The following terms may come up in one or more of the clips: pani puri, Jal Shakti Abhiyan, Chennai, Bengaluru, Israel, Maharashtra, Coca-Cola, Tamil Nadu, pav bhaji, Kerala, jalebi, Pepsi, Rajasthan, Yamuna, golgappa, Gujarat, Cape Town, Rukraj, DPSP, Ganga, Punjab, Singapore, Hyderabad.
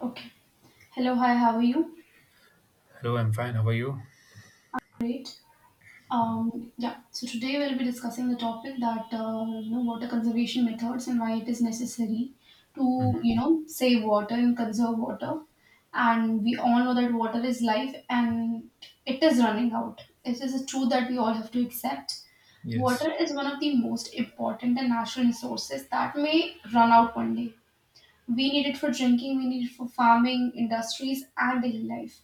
Okay. Hello, hi, how are you? Hello, I'm fine. How are you? Great. Yeah, so today we'll be discussing the topic that water conservation methods and why it is necessary to save water and conserve water. And we all know that water is life and it is running out. It is a truth that we all have to accept. Yes. Water is one of the most important and natural resources that may run out one day. We need it for drinking, we need it for farming, industries, and daily life.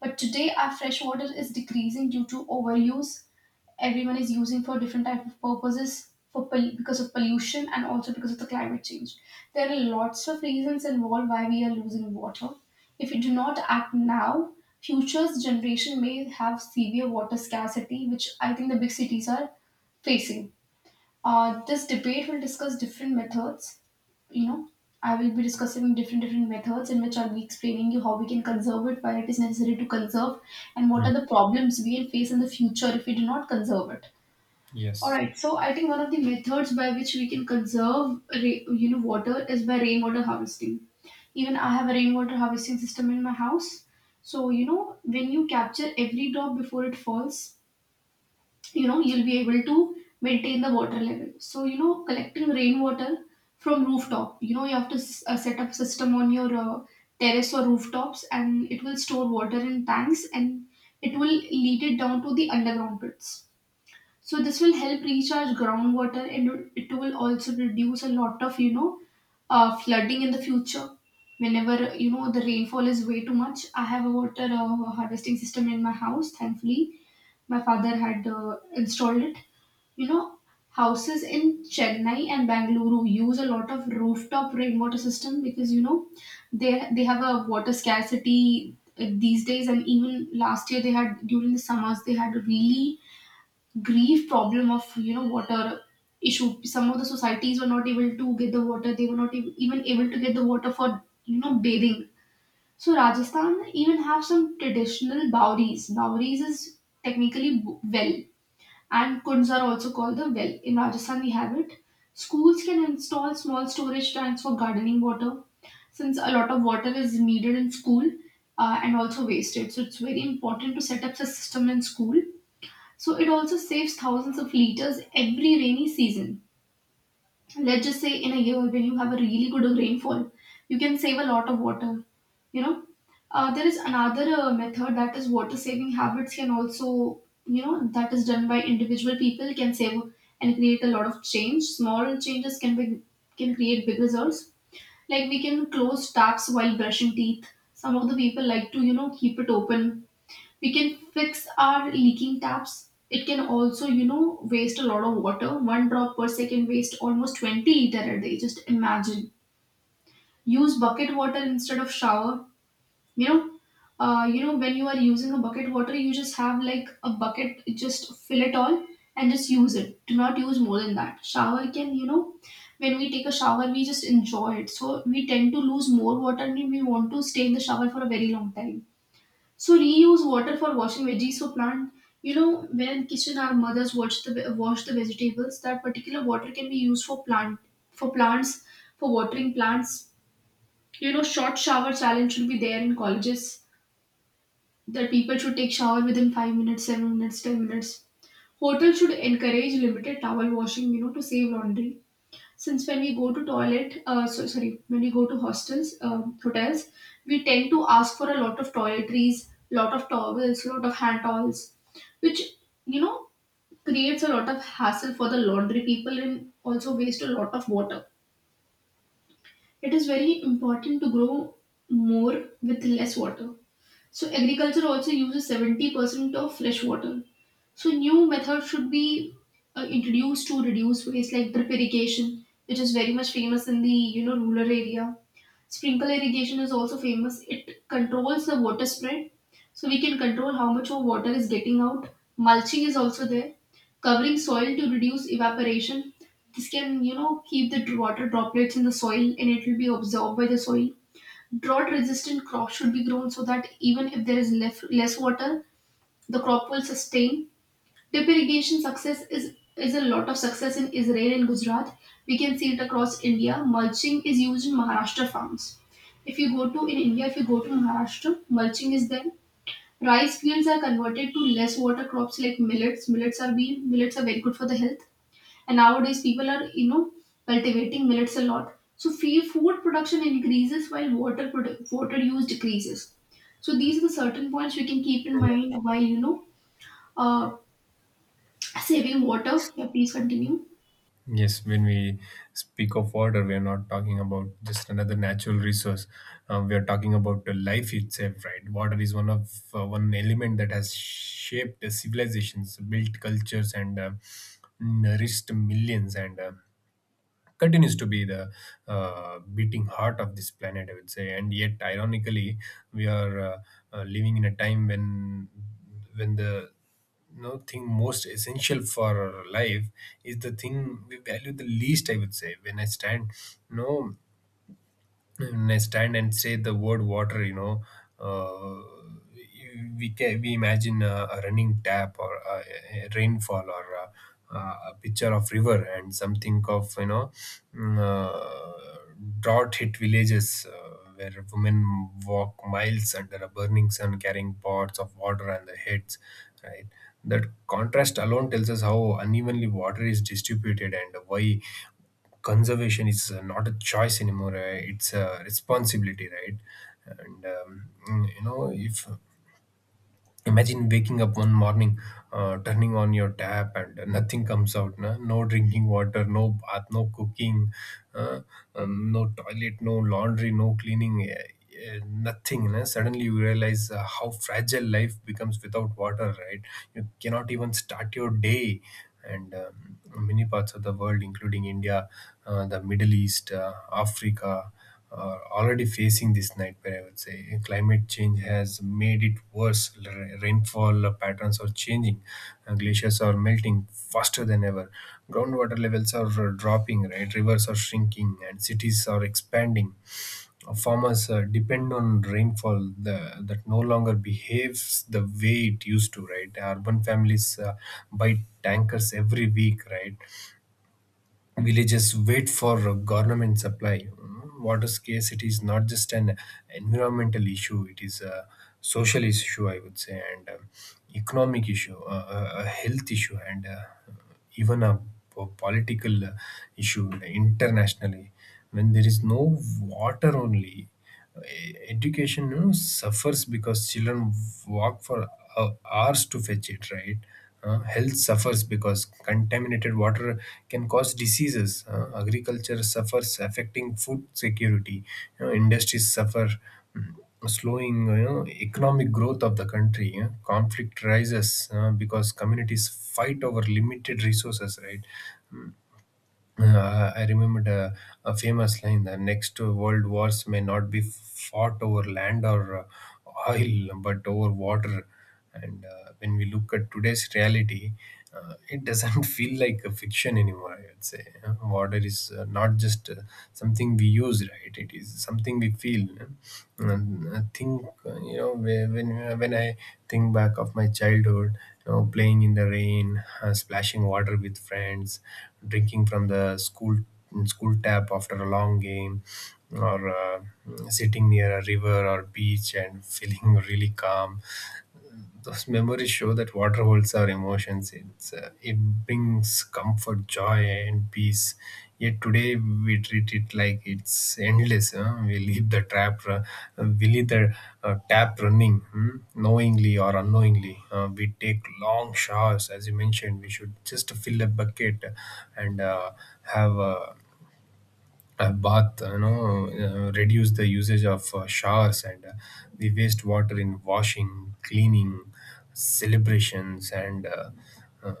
But today, our fresh water is decreasing due to overuse. Everyone is using for different type of purposes, because of pollution and also because of the climate change. There are lots of reasons involved why we are losing water. If we do not act now, future's generation may have severe water scarcity, which I think the big cities are facing. This debate will discuss different methods. you know I will be discussing different methods in which I'll be explaining you how we can conserve it, why it is necessary to conserve, and what Mm. are the problems we will face in the future if we do not conserve it. All Yes. right, so I think one of the methods by which we can conserve water is by rainwater harvesting. Even I have a rainwater harvesting system in my house. So when you capture every drop before it falls, you'll be able to maintain the water level. So collecting rainwater from rooftop, you have to set up system on your terrace or rooftops, and it will store water in tanks and it will lead it down to the underground pits. So this will help recharge groundwater and it will also reduce a lot of flooding in the future whenever the rainfall is way too much. I have a water harvesting system in my house. Thankfully my father had installed it. you know, houses in Chennai and Bangalore use a lot of rooftop rainwater system because they have a water scarcity these days, and even last year they had during the summers they had a really grief problem of water issue. Some of the societies were not able to get the water; they were not even able to get the water for bathing. So Rajasthan even have some traditional bowries. Bowries is technically well, and kunds are also called the well. In Rajasthan, we have it. Schools can install small storage tanks for gardening water since a lot of water is needed in school and also wasted. So it's very important to set up the system in school. So it also saves thousands of liters every rainy season. Let's just say in a year when you have a really good rainfall, you can save a lot of water. You know, there is another method, that is water saving habits can also, that is done by individual people, can save and create a lot of change. Small changes can create big results. Like we can close taps while brushing teeth. Some of the people like to, keep it open. We can fix our leaking taps. It can also waste a lot of water. One drop per second waste almost 20 liter a day, just imagine. Use bucket water instead of shower. you know when you are using a bucket water, you just have like a bucket, just fill it all and just use it. Do not use more than that. Shower can, when we take a shower we just enjoy it, so we tend to lose more water and we want to stay in the shower for a very long time. So reuse water for washing veggies, for plant. When in kitchen our mothers wash the wash the vegetables, that particular water can be used for plant for plants for watering plants. You know, short shower challenge should be there in colleges, that people should take shower within 5 minutes, 7 minutes, 10 minutes. Hotels should encourage limited towel washing, to save laundry. Since when we go to toilet so sorry When we go to hostels hotels, we tend to ask for a lot of toiletries, lot of towels, lot of hand towels, which you know creates a lot of hassle for the laundry people and also waste a lot of water. It is very important to grow more with less water. So agriculture also uses 70% of fresh water, so new methods should be introduced to reduce waste, like drip irrigation, which is very much famous in the rural area. Sprinkle irrigation is also famous. It controls the water spread, so we can control how much of water is getting out. Mulching is also there, covering soil to reduce evaporation. This can keep the water droplets in the soil and it will be absorbed by the soil. Drought resistant crops should be grown so that even if there is less water, the crop will sustain. Drip irrigation success is a lot of success in Israel and Gujarat. We can see it across India. Mulching is used in Maharashtra farms. If you go to in India, if you go to Maharashtra, mulching is there. Rice fields are converted to less water crops like millets. Millets are being millets are very good for the health. And nowadays people are cultivating millets a lot. So food production increases while water use decreases. So these are the certain points we can keep in Yeah. mind while uh, saving water. Yeah, please continue. Yes, when we speak of water, we are not talking about just another natural resource. We are talking about the life itself, right? Water is one element that has shaped the civilizations, built cultures, and nourished millions. And continues to be the beating heart of this planet, I would say. And yet, ironically, we are living in a time when the thing most essential for life is the thing we value the least. I would say when I stand, no and I stand and say the word water, uh, we imagine a running tap, or a rainfall, or a picture of river and something of mm, uh, drought hit villages, where women walk miles under a burning sun carrying pots of water on their heads, right? That contrast alone tells us how unevenly water is distributed and why conservation is not a choice anymore, it's a responsibility, right? And mm, you know if Imagine waking up one morning, turning on your tap, and nothing comes out. No, no drinking water, no bath, no cooking, uh, no toilet, no laundry, no cleaning, nothing. No? Suddenly you realize how fragile life becomes without water, right? You cannot even start your day. And many parts of the world, including India, the Middle East, Africa, are already facing this nightmare. I would say climate change has made it worse. Rainfall patterns are changing, and glaciers are melting faster than ever. Groundwater levels are dropping, right? Rivers are shrinking, and cities are expanding. Farmers depend on rainfall that no longer behaves the way it used to, right? Urban families buy tankers every week, right? Villages wait for government supply. Water scarcity is not just an environmental issue; it is a social issue, I would say, and economic issue, a health issue, and even a political issue internationally. When there is no water, only education, suffers because children walk for hours to fetch it, right. Health suffers because contaminated water can cause diseases. Agriculture suffers, affecting food security. Industries suffer, mm, slowing economic growth of the country. Conflict rises because communities fight over limited resources, right. I remembered a famous line: the next world wars may not be fought over land or oil, but over water. And when we look at today's reality, it doesn't feel like a fiction anymore, I would say. Water is not just something we use, right? It is something we feel. You know? And I think uh, you know whe- when when I think back of my childhood, playing in the rain, splashing water with friends, drinking from the school tap after a long game, or sitting near a river or beach and feeling really calm. Those memories show that water holds our emotions. It brings comfort, joy, and peace. Yet today we treat it like it's endless. Huh? We leave the trap, ru- we leave the tap running. Hmm? Knowingly or unknowingly. We take long showers, as you mentioned. We should just fill a bucket and have a bath, reduce the usage of showers and the waste water in washing, cleaning, celebrations, and uh,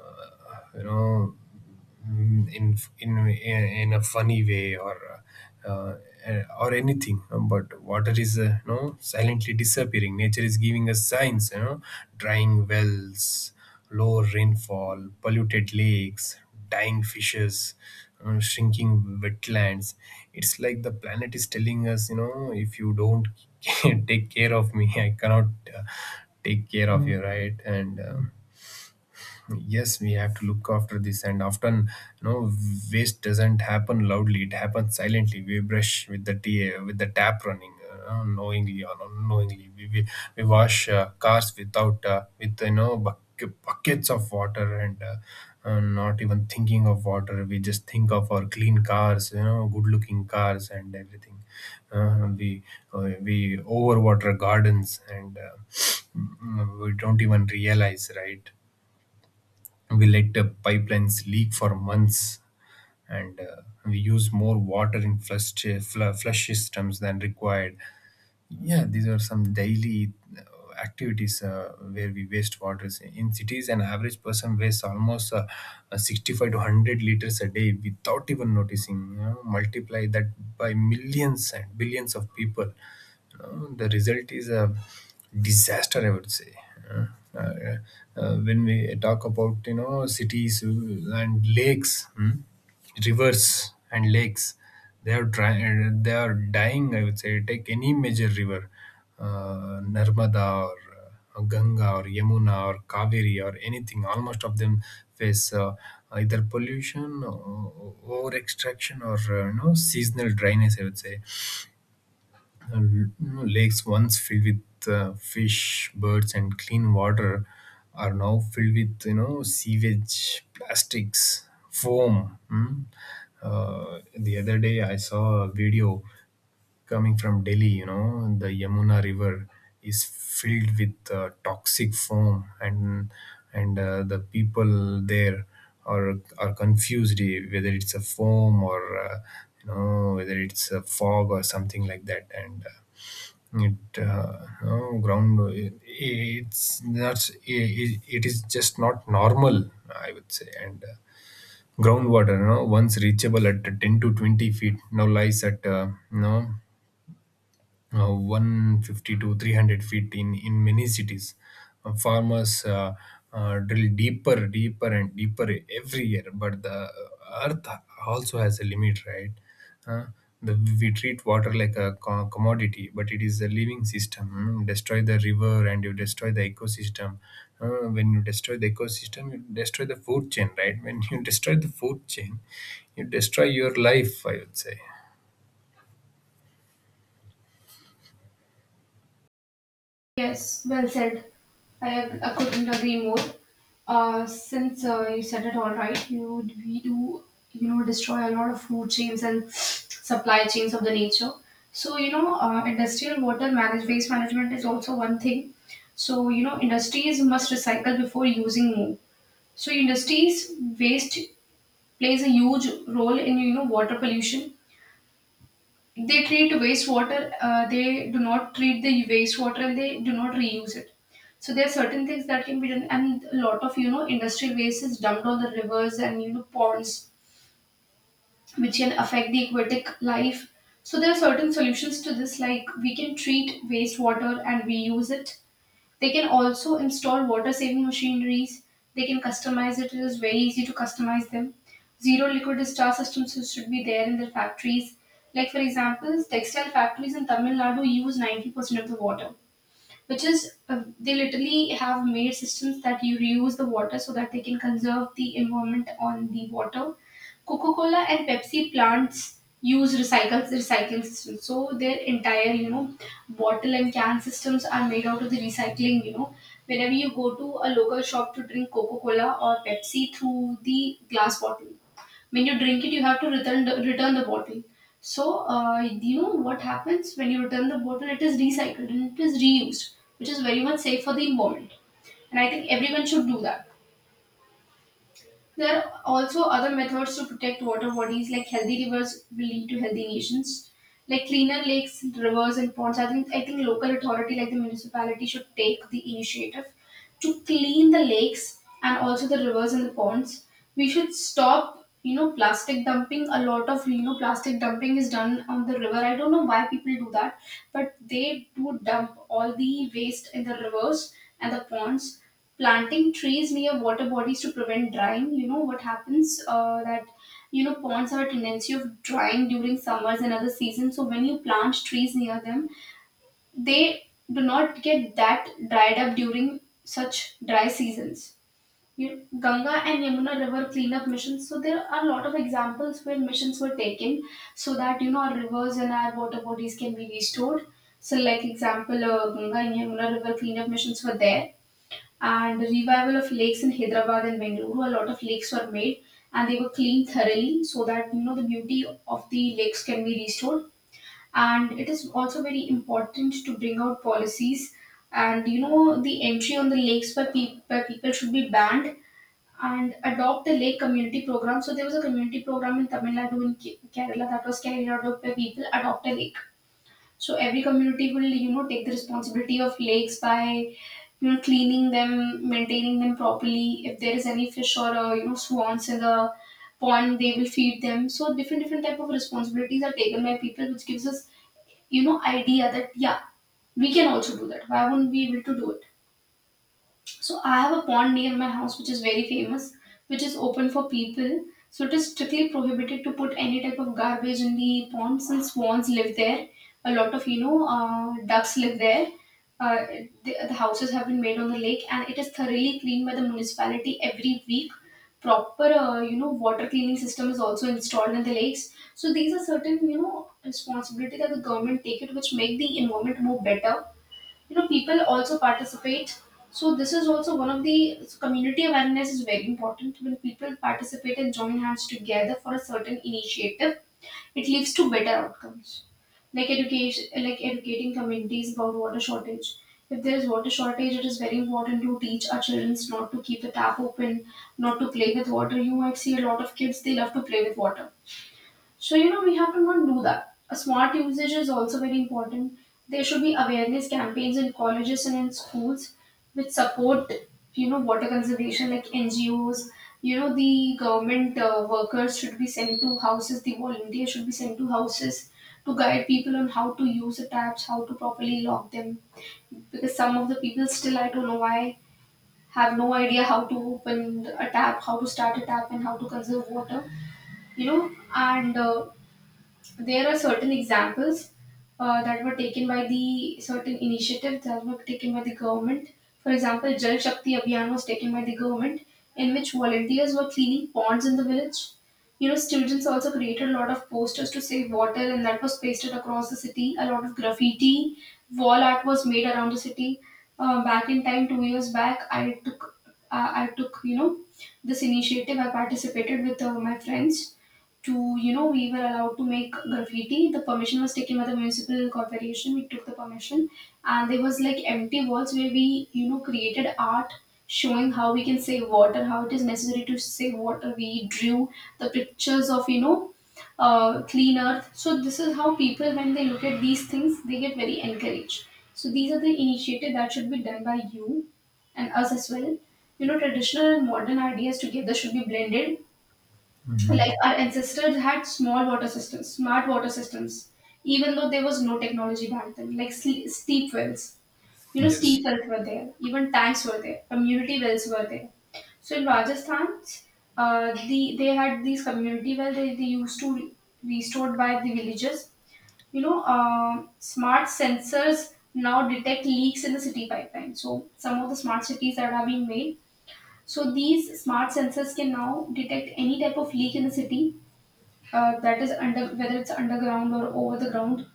you know, in a funny way, uh, uh, or anything. But water is silently disappearing. Nature is giving us signs: drying wells, low rainfall, polluted lakes, dying fishes, shrinking wetlands. It's like the planet is telling us, if you don't take care of me, I cannot uh, take care of you, right? And yes, we have to look after this, and often you know waste doesn't happen loudly. It happens silently. We brush with the tap running, knowingly or unknowingly. We wash cars without with buckets of water, and not even thinking of water. We just think of our clean cars, good looking cars and everything. Uh, we uh, we overwater gardens, and we don't even realize, right. We let the pipelines leak for months, and we use more water in flush systems than required. Yeah, these are some daily uh, activities where we waste water. In cities, an average person wastes almost 65 to 100 liters a day without even noticing. Multiply that by millions and billions of people, the result is a disaster, I would say. Uh, uh, when we talk about cities and lakes, hmm, rivers and lakes, they are dying, I would say. Take any major river, Narmada or Ganga or Yamuna or Kaveri, or anything. Almost of them face either pollution or over extraction, or seasonal dryness, I would say. Lakes once filled with fish, birds, and clean water are now filled with sewage, plastics, foam. Hmm? The other day, I saw a video coming from Delhi. The Yamuna River is filled with toxic foam, and the people there are confused, whether it's a foam, or whether it's a fog, or something like that, and it, no ground. It's not. It is just not normal, I would say. And groundwater, once reachable at 10 to 20 feet, now lies at 150 to 300 feet, in many cities. Farmers drill deeper, deeper, and deeper every year, but the earth also has a limit, right? Uh, the, we treat water like a commodity, but it is a living system. Mm. Destroy the river and you destroy the ecosystem. When you destroy the ecosystem, you destroy the food chain, right? When you destroy the food chain, you destroy your life, I would say. Yes, well said. I couldn't agree more. Since you said it all right, you we do destroy a lot of food chains and supply chains of the nature. So industrial water manage waste management is also one thing. So industries must recycle before using more. So industries waste plays a huge role in water pollution. They treat wastewater, they do not treat the wastewater and they do not reuse it. So there are certain things that can be done, and a lot of industry waste is dumped on the rivers and ponds, which can affect the aquatic life. So there are certain solutions to this, like we can treat wastewater and reuse it. They can also install water saving machineries. They can customize it. It is very easy to customize them. Zero liquid discharge systems should be there in their factories. Like for example, textile factories in Tamil Nadu use 90% of the water, which is they literally have made systems that you reuse the water so that they can conserve the environment on the water. Coca-Cola and Pepsi plants use recycles recycling systems. So their entire, bottle and can systems are made out of the recycling, Whenever you go to a local shop to drink Coca-Cola or Pepsi through the glass bottle, when you drink it you have to return the bottle. So what happens when you return the bottle, it is recycled and it is reused, which is very much safe for the environment. And I think everyone should do that. There are also other methods to protect water bodies, like healthy rivers will lead to healthy nations, like cleaner lakes, rivers and ponds. I think local authority like the municipality should take the initiative to clean the lakes and also the rivers and the ponds. We should stop, plastic dumping. A lot of, plastic dumping is done on the river. I don't know why people do that, but they do dump all the waste in the rivers and the ponds. Planting trees near water bodies to prevent drying. You know what happens? That you know Ponds have a tendency of drying during summers and other seasons, so when you plant trees near them, they do not get that dried up during such dry seasons. You, Ganga and Yamuna river cleanup missions. So there are a lot of examples where missions were taken so that our rivers and our water bodies can be restored. So, like example, Ganga and Yamuna river cleanup missions were there, and revival of lakes in Hyderabad and Bengaluru. A lot of lakes were made and they were cleaned thoroughly so that you know the beauty of the lakes can be restored, and it is also very important to bring out policies and you know the entry on the lakes by, by people should be banned and adopt the lake community program. So there was a community program in Tamil Nadu, in Kerala, that was carried out by people. Adopt a lake, so every community will you know take the responsibility of lakes by you know cleaning them, maintaining them properly. If there is any fish or you know swans in the pond, they will feed them. So different different type of responsibilities are taken by people, which gives us you know idea that yeah, we can also do that. Why wouldn't we able to do it? So I have a pond near my house which is very famous, which is open for people. So it is strictly prohibited to put any type of garbage in the pond since swans live there. A lot of you know ducks live there. Uh, the houses have been made on the lake and it is thoroughly cleaned by the municipality every week. Proper you know water cleaning system is also installed in the lakes. So these are certain you know responsibility that the government take it, which make the environment more better. You know people also participate, so this is also one of the, so community awareness is very important. When people participate and join hands together for a certain initiative, it leads to better outcomes. Like education, like educating communities about water shortage. If there is water shortage, it is very important to teach our children not to keep the tap open, not to play with water. You might see a lot of kids, they love to play with water. So, we have to not do that. A smart usage is also very important. There should be awareness campaigns in colleges and in schools which support, water conservation like NGOs. You know, the government workers should be sent to houses, the volunteers should be sent to houses to guide people on how to use the taps, how to properly lock them. Because some of the people still, I don't know why, have no idea how to open a tap, how to start a tap, and how to conserve water you know and There are certain examples, that were taken by the, certain initiatives that were taken by the government. For example, Jal Shakti Abhiyan was taken by the government, in which volunteers were cleaning ponds in the village. You know, students also created a lot of posters to save water, and that was pasted across the city. A lot of graffiti, wall art was made around the city. Back in time, 2 years back, I took, you know, this initiative. I participated with my friends to you know, we were allowed to make graffiti. The permission was taken by the municipal corporation, we took the permission, and there was like empty walls where we you know created art showing how we can save water, how it is necessary to save water. We drew the pictures of you know clean earth. So this is how people, when they look at these things, they get very encouraged. So these are the initiative that should be done by you and us as well. You know, traditional and modern ideas together should be blended. Like our ancestors had small water systems, smart water systems, even though there was no technology back then. Like steep wells, you know, Yes. steep wells were there, even tanks were there, community wells were there. So in Rajasthan, they had these community wells. They used to be stored by the villagers. You know, um, smart sensors now detect leaks in the city pipeline. So some of the smart cities that are being made. So these smart sensors can now detect any type of leak in the city, that is under, whether it's underground or over the ground.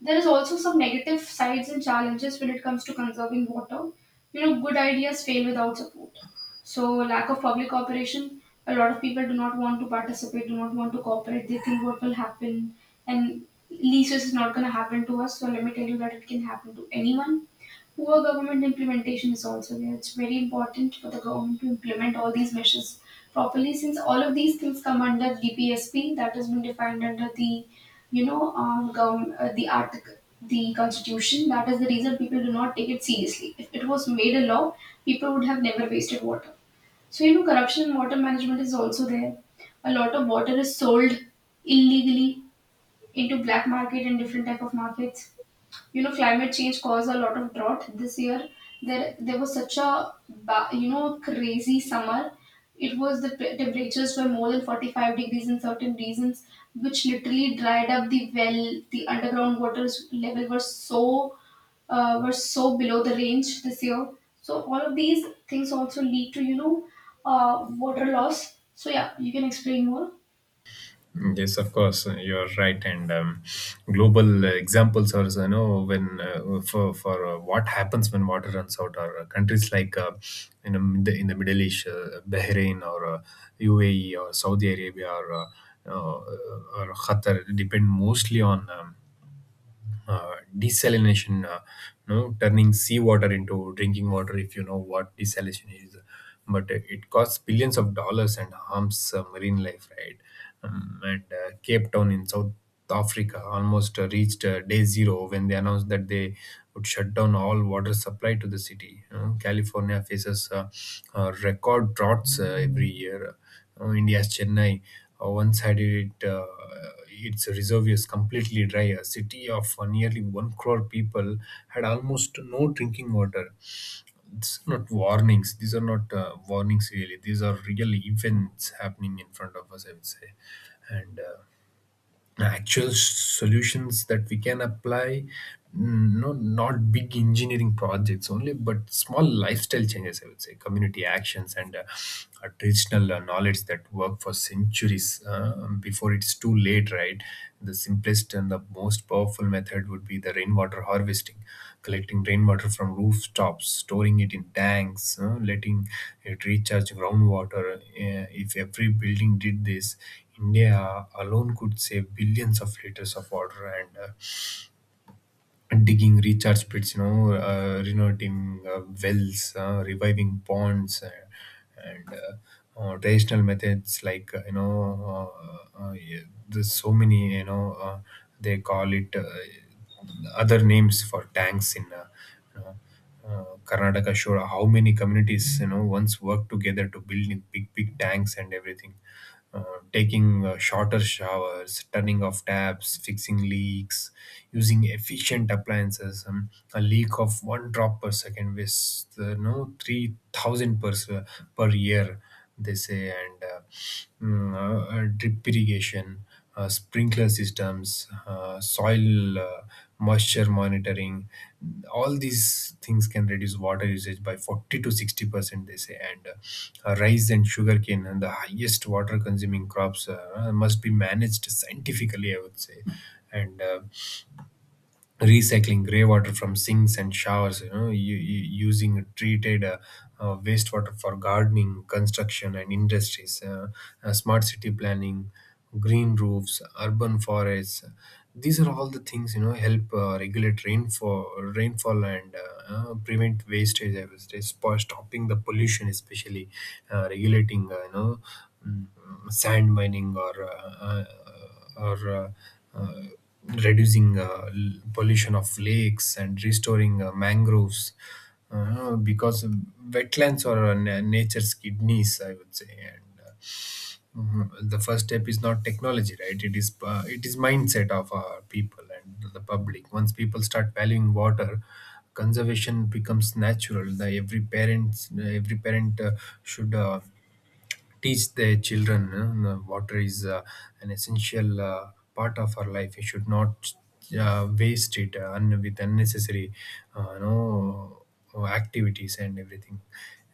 There is also some negative sides and challenges when it comes to conserving water. You know, good ideas fail without support. So, lack of public cooperation. A lot of people do not want to participate, do not want to cooperate. They think what will happen, and leases is not going to happen to us. So, let me tell you that it can happen to anyone. Poor government implementation is also there. It's very important for the government to implement all these measures properly, since all of these things come under DPSP that has been defined under the, you know, the article, the constitution. That is the reason people do not take it seriously. If it was made a law, people would have never wasted water. So you know, corruption in water management is also there. A lot of water is sold illegally into black market and different type of markets. You know, climate change caused a lot of drought this year. There was such a you know crazy summer. It was the temperatures were more than 45 degrees in certain regions, which literally dried up the well. The underground waters level were so below the range this year. So all of these things also lead to you know water loss. So yeah, you can explain more. Yes, of course, you're right. And global examples are, you know, when for what happens when water runs out, or countries like in the Middle East, Bahrain or UAE or Saudi Arabia, uh, or Qatar, depend mostly on, desalination, no, turning seawater into drinking water, if you know what desalination is. But it costs billions of dollars and harms marine life, right? And Cape Town in South Africa almost reached day zero, when they announced that they would shut down all water supply to the city. California faces record droughts every year, or India's Chennai once had it its reservoirs completely dry. A city of nearly 1 crore people had almost no drinking water. These are not warnings. These are not warnings, really. These are real events happening in front of us, I would say. And actual solutions that we can apply, no, not big engineering projects only, but small lifestyle changes, I would say, community actions, and traditional knowledge that work for centuries, before it's too late, right. The simplest and the most powerful method would be the rainwater harvesting: collecting rainwater from rooftops, storing it in tanks, letting it recharge groundwater. If every building did this, India alone could save billions of liters of water, and digging recharge pits, renovating wells, reviving ponds, and traditional methods like, yeah, there's so many, they call it, other names for tanks in, you know Karnataka shore, how many communities once worked together to build in big tanks and everything, taking shorter showers, turning off taps, fixing leaks, using efficient appliances. A leak of one drop per second was, no, 3,000 per year, they say, and drip irrigation. Sprinkler systems, soil moisture monitoring, all these things can reduce water usage by 40 to 60%, they say. And Rice and sugarcane and the highest water consuming crops must be managed scientifically, I would say. And Recycling grey water from sinks and showers, you know, using treated wastewater for gardening, construction and industries. Smart city planning, green roofs, urban forests, these are all the things, you know, help regulate rainfall and prevent wastage. I was stopping the pollution, especially regulating, you know, mm, sand mining, or uh, reducing pollution of lakes and restoring mangroves, because wetlands are nature's kidneys, I would say. And Mhm. The first step is not technology, right, it is it is mindset of our people and the public. Once people start valuing water, conservation becomes natural. The every parent should teach their children water is an essential part of our life. We should not waste it with unnecessary, uh, you know activities and everything.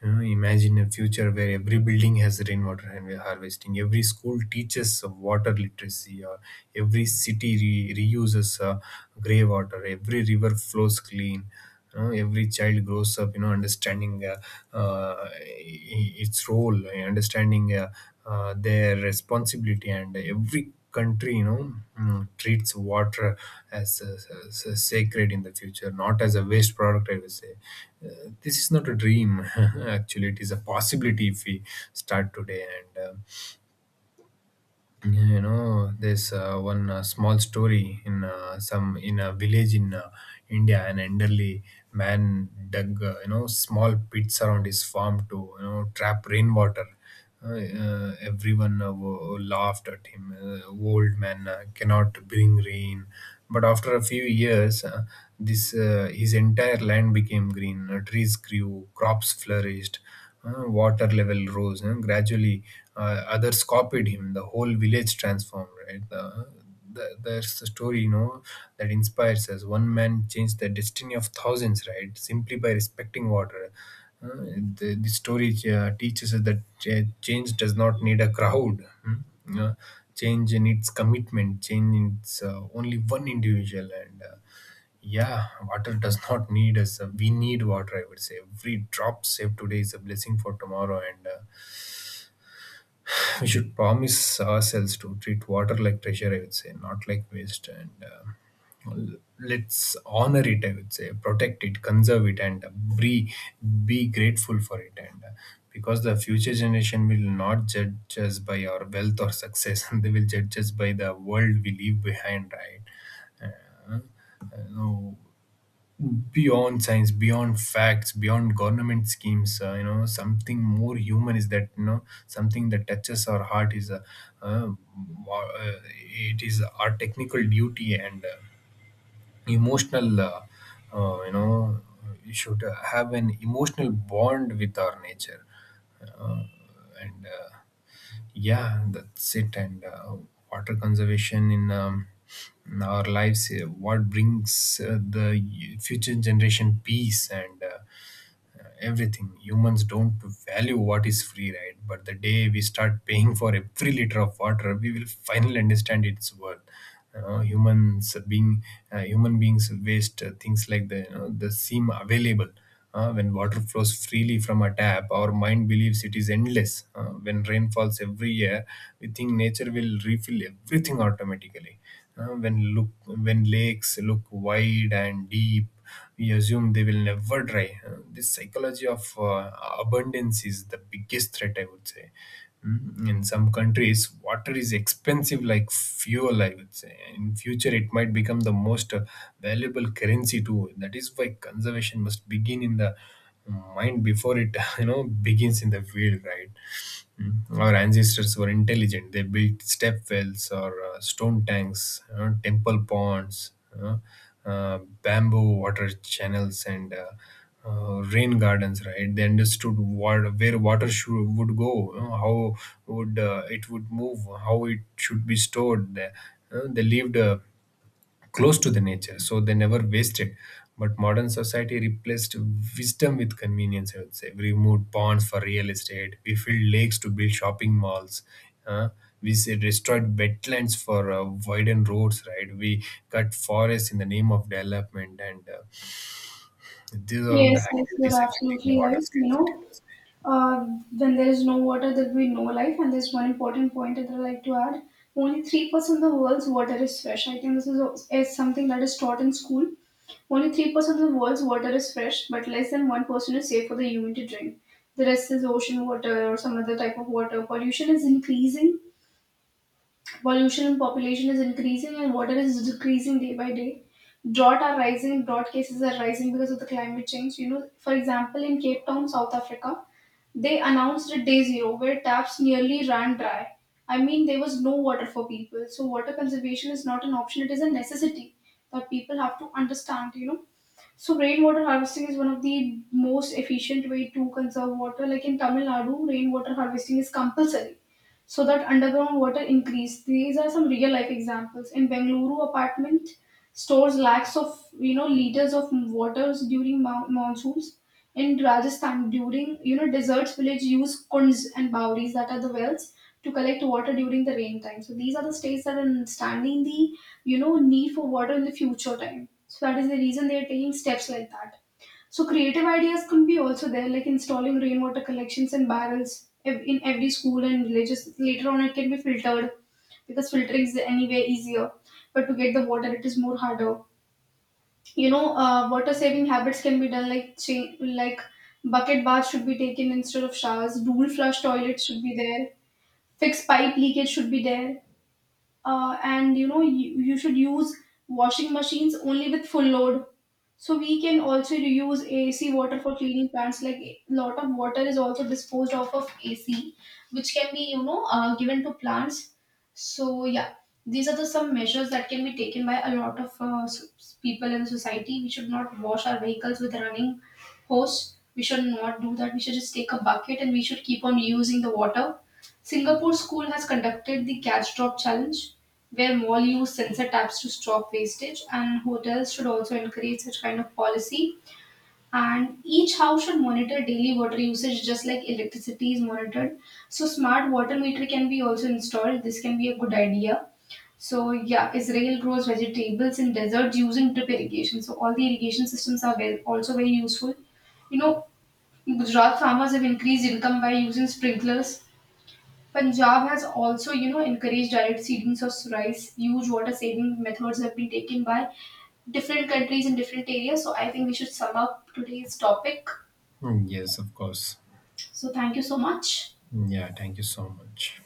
You know, imagine a future where every building has rainwater and we're harvesting, every school teaches water literacy, or every city reuses grey water, every river flows clean. You know, every child grows up, you know, understanding its role, understanding their responsibility, and every country, you know, treats water as sacred in the future, not as a waste product, I would say. This is not a dream, actually it is a possibility if we start today. And Yeah, you know, there's one small story in some in a village in India. An elderly man dug, you know, small pits around his farm to, you know, trap rainwater. Everyone laughed at him. Old man cannot bring rain, but after a few years this his entire land became green. Trees grew, crops flourished, water level rose, and gradually others copied him. The whole village transformed, right? There's a story, you know, that inspires us. One man changed the destiny of thousands, right, simply by respecting water. uh, the story teaches us that change does not need a crowd, hmm? Uh, Change needs commitment, change needs only one individual. And Yeah, water does not need us. We need water, I would say. Every drop saved today is a blessing for tomorrow, and we should promise ourselves to treat water like treasure, I would say, not like waste. Let's honor it, I would say, protect it, conserve it, and be, be grateful for it. And Because the future generation will not judge us by our wealth or success, they will judge us by the world we leave behind, right? Uh, no Beyond science, beyond facts, beyond government schemes, you know, something more human, is that, you know, something that touches our heart is a, uh, it is our technical duty and emotional, uh, you know you should have an emotional bond with our nature. Uh, and Yeah, that's it. And Water conservation in our lives what brings the future generation peace and everything. Humans don't value what is free, right? But the day we start paying for every liter of water, we will finally understand its worth. Uh, humans being Human beings waste things like the, you know, the seem available. When water flows freely from a tap, our mind believes it is endless. When rain falls every year, we think nature will refill everything automatically. When lakes look wide and deep, we assume they will never dry. This psychology of abundance is the biggest threat, I would say. In some countries, water is expensive like fuel, I would say. In future, it might become the most valuable currency too. That is why conservation must begin in the mind before it, you know, begins in the field, right? Mm. Our ancestors were intelligent. They built step wells, or stone tanks, temple ponds, uh, bamboo water channels, and rain gardens. Right? They understood where water would go, you know, how would it would move, how it should be stored. They lived close to the nature, so they never wasted. But modern society replaced wisdom with convenience, I would say. We removed ponds for real estate, we filled lakes to build shopping malls, uh, we say destroyed wetlands for widened roads, right? We cut forests in the name of development, and these are all the Yes, yes, you're activities affecting the absolutely water right. You scarcity, I know, would say. uh, when there is no water, there will be no life. And there's one important point that I'd like to add. Only 3% of the world's water is fresh. I think this is something that is taught in school. Only 3% of the world's water is fresh, but less than 1% is safe for the human to drink. The rest is ocean water or some other type of water. Pollution is increasing. Pollution in population is increasing and water is decreasing day by day. Drought are rising, drought cases are rising because of the climate change. You know, for example, in Cape Town, South Africa, they announced a day zero where taps nearly ran dry. I mean, there was no water for people. So, water conservation is not an option, it is a necessity that people have to understand, you know. So rainwater harvesting is one of the most efficient way to conserve water. Like in Tamil Nadu, rainwater harvesting is compulsory so that underground water increase. These are some real life examples. In Bengaluru, apartment stores lakhs of you know liters of waters during monsoons. In Rajasthan, during you know deserts, village use kunds and bawris, that are the wells, to collect water during the rain time. So these are the states that are understanding the you know need for water in the future time. So that is the reason they are taking steps like that. So creative ideas could be also there, like installing rainwater collections and barrels in every school and villages. Later on, it can be filtered, because filtering is anyway easier, but to get the water, it is more harder. You know water saving habits can be done, like like bucket baths should be taken instead of showers, dual flush toilets should be there, fixed pipe leakage should be there, and you know you should use washing machines only with full load. So we can also reuse AC water for cleaning plants. Like a lot of water is also disposed off of AC, which can be you know given to plants. So yeah, these are the some measures that can be taken by a lot of people in the society. We should not wash our vehicles with running hose. We should not do that. We should just take a bucket and we should keep on using the water. Singapore school has conducted the catch drop challenge where mall use sensor taps to stop wastage, and hotels should also encourage such kind of policy, and each house should monitor daily water usage just like electricity is monitored. So smart water meter can be also installed, this can be a good idea. So yeah, Israel grows vegetables in deserts using drip irrigation, so all the irrigation systems are very, also very useful. You know, Gujarat farmers have increased income by using sprinklers. Punjab has also, you know, encouraged direct seedings of rice. Huge water saving methods have been taken by different countries in different areas. So I think we should sum up today's topic. Mm, yes, of course. So thank you so much. Hmm, yeah, thank you so much.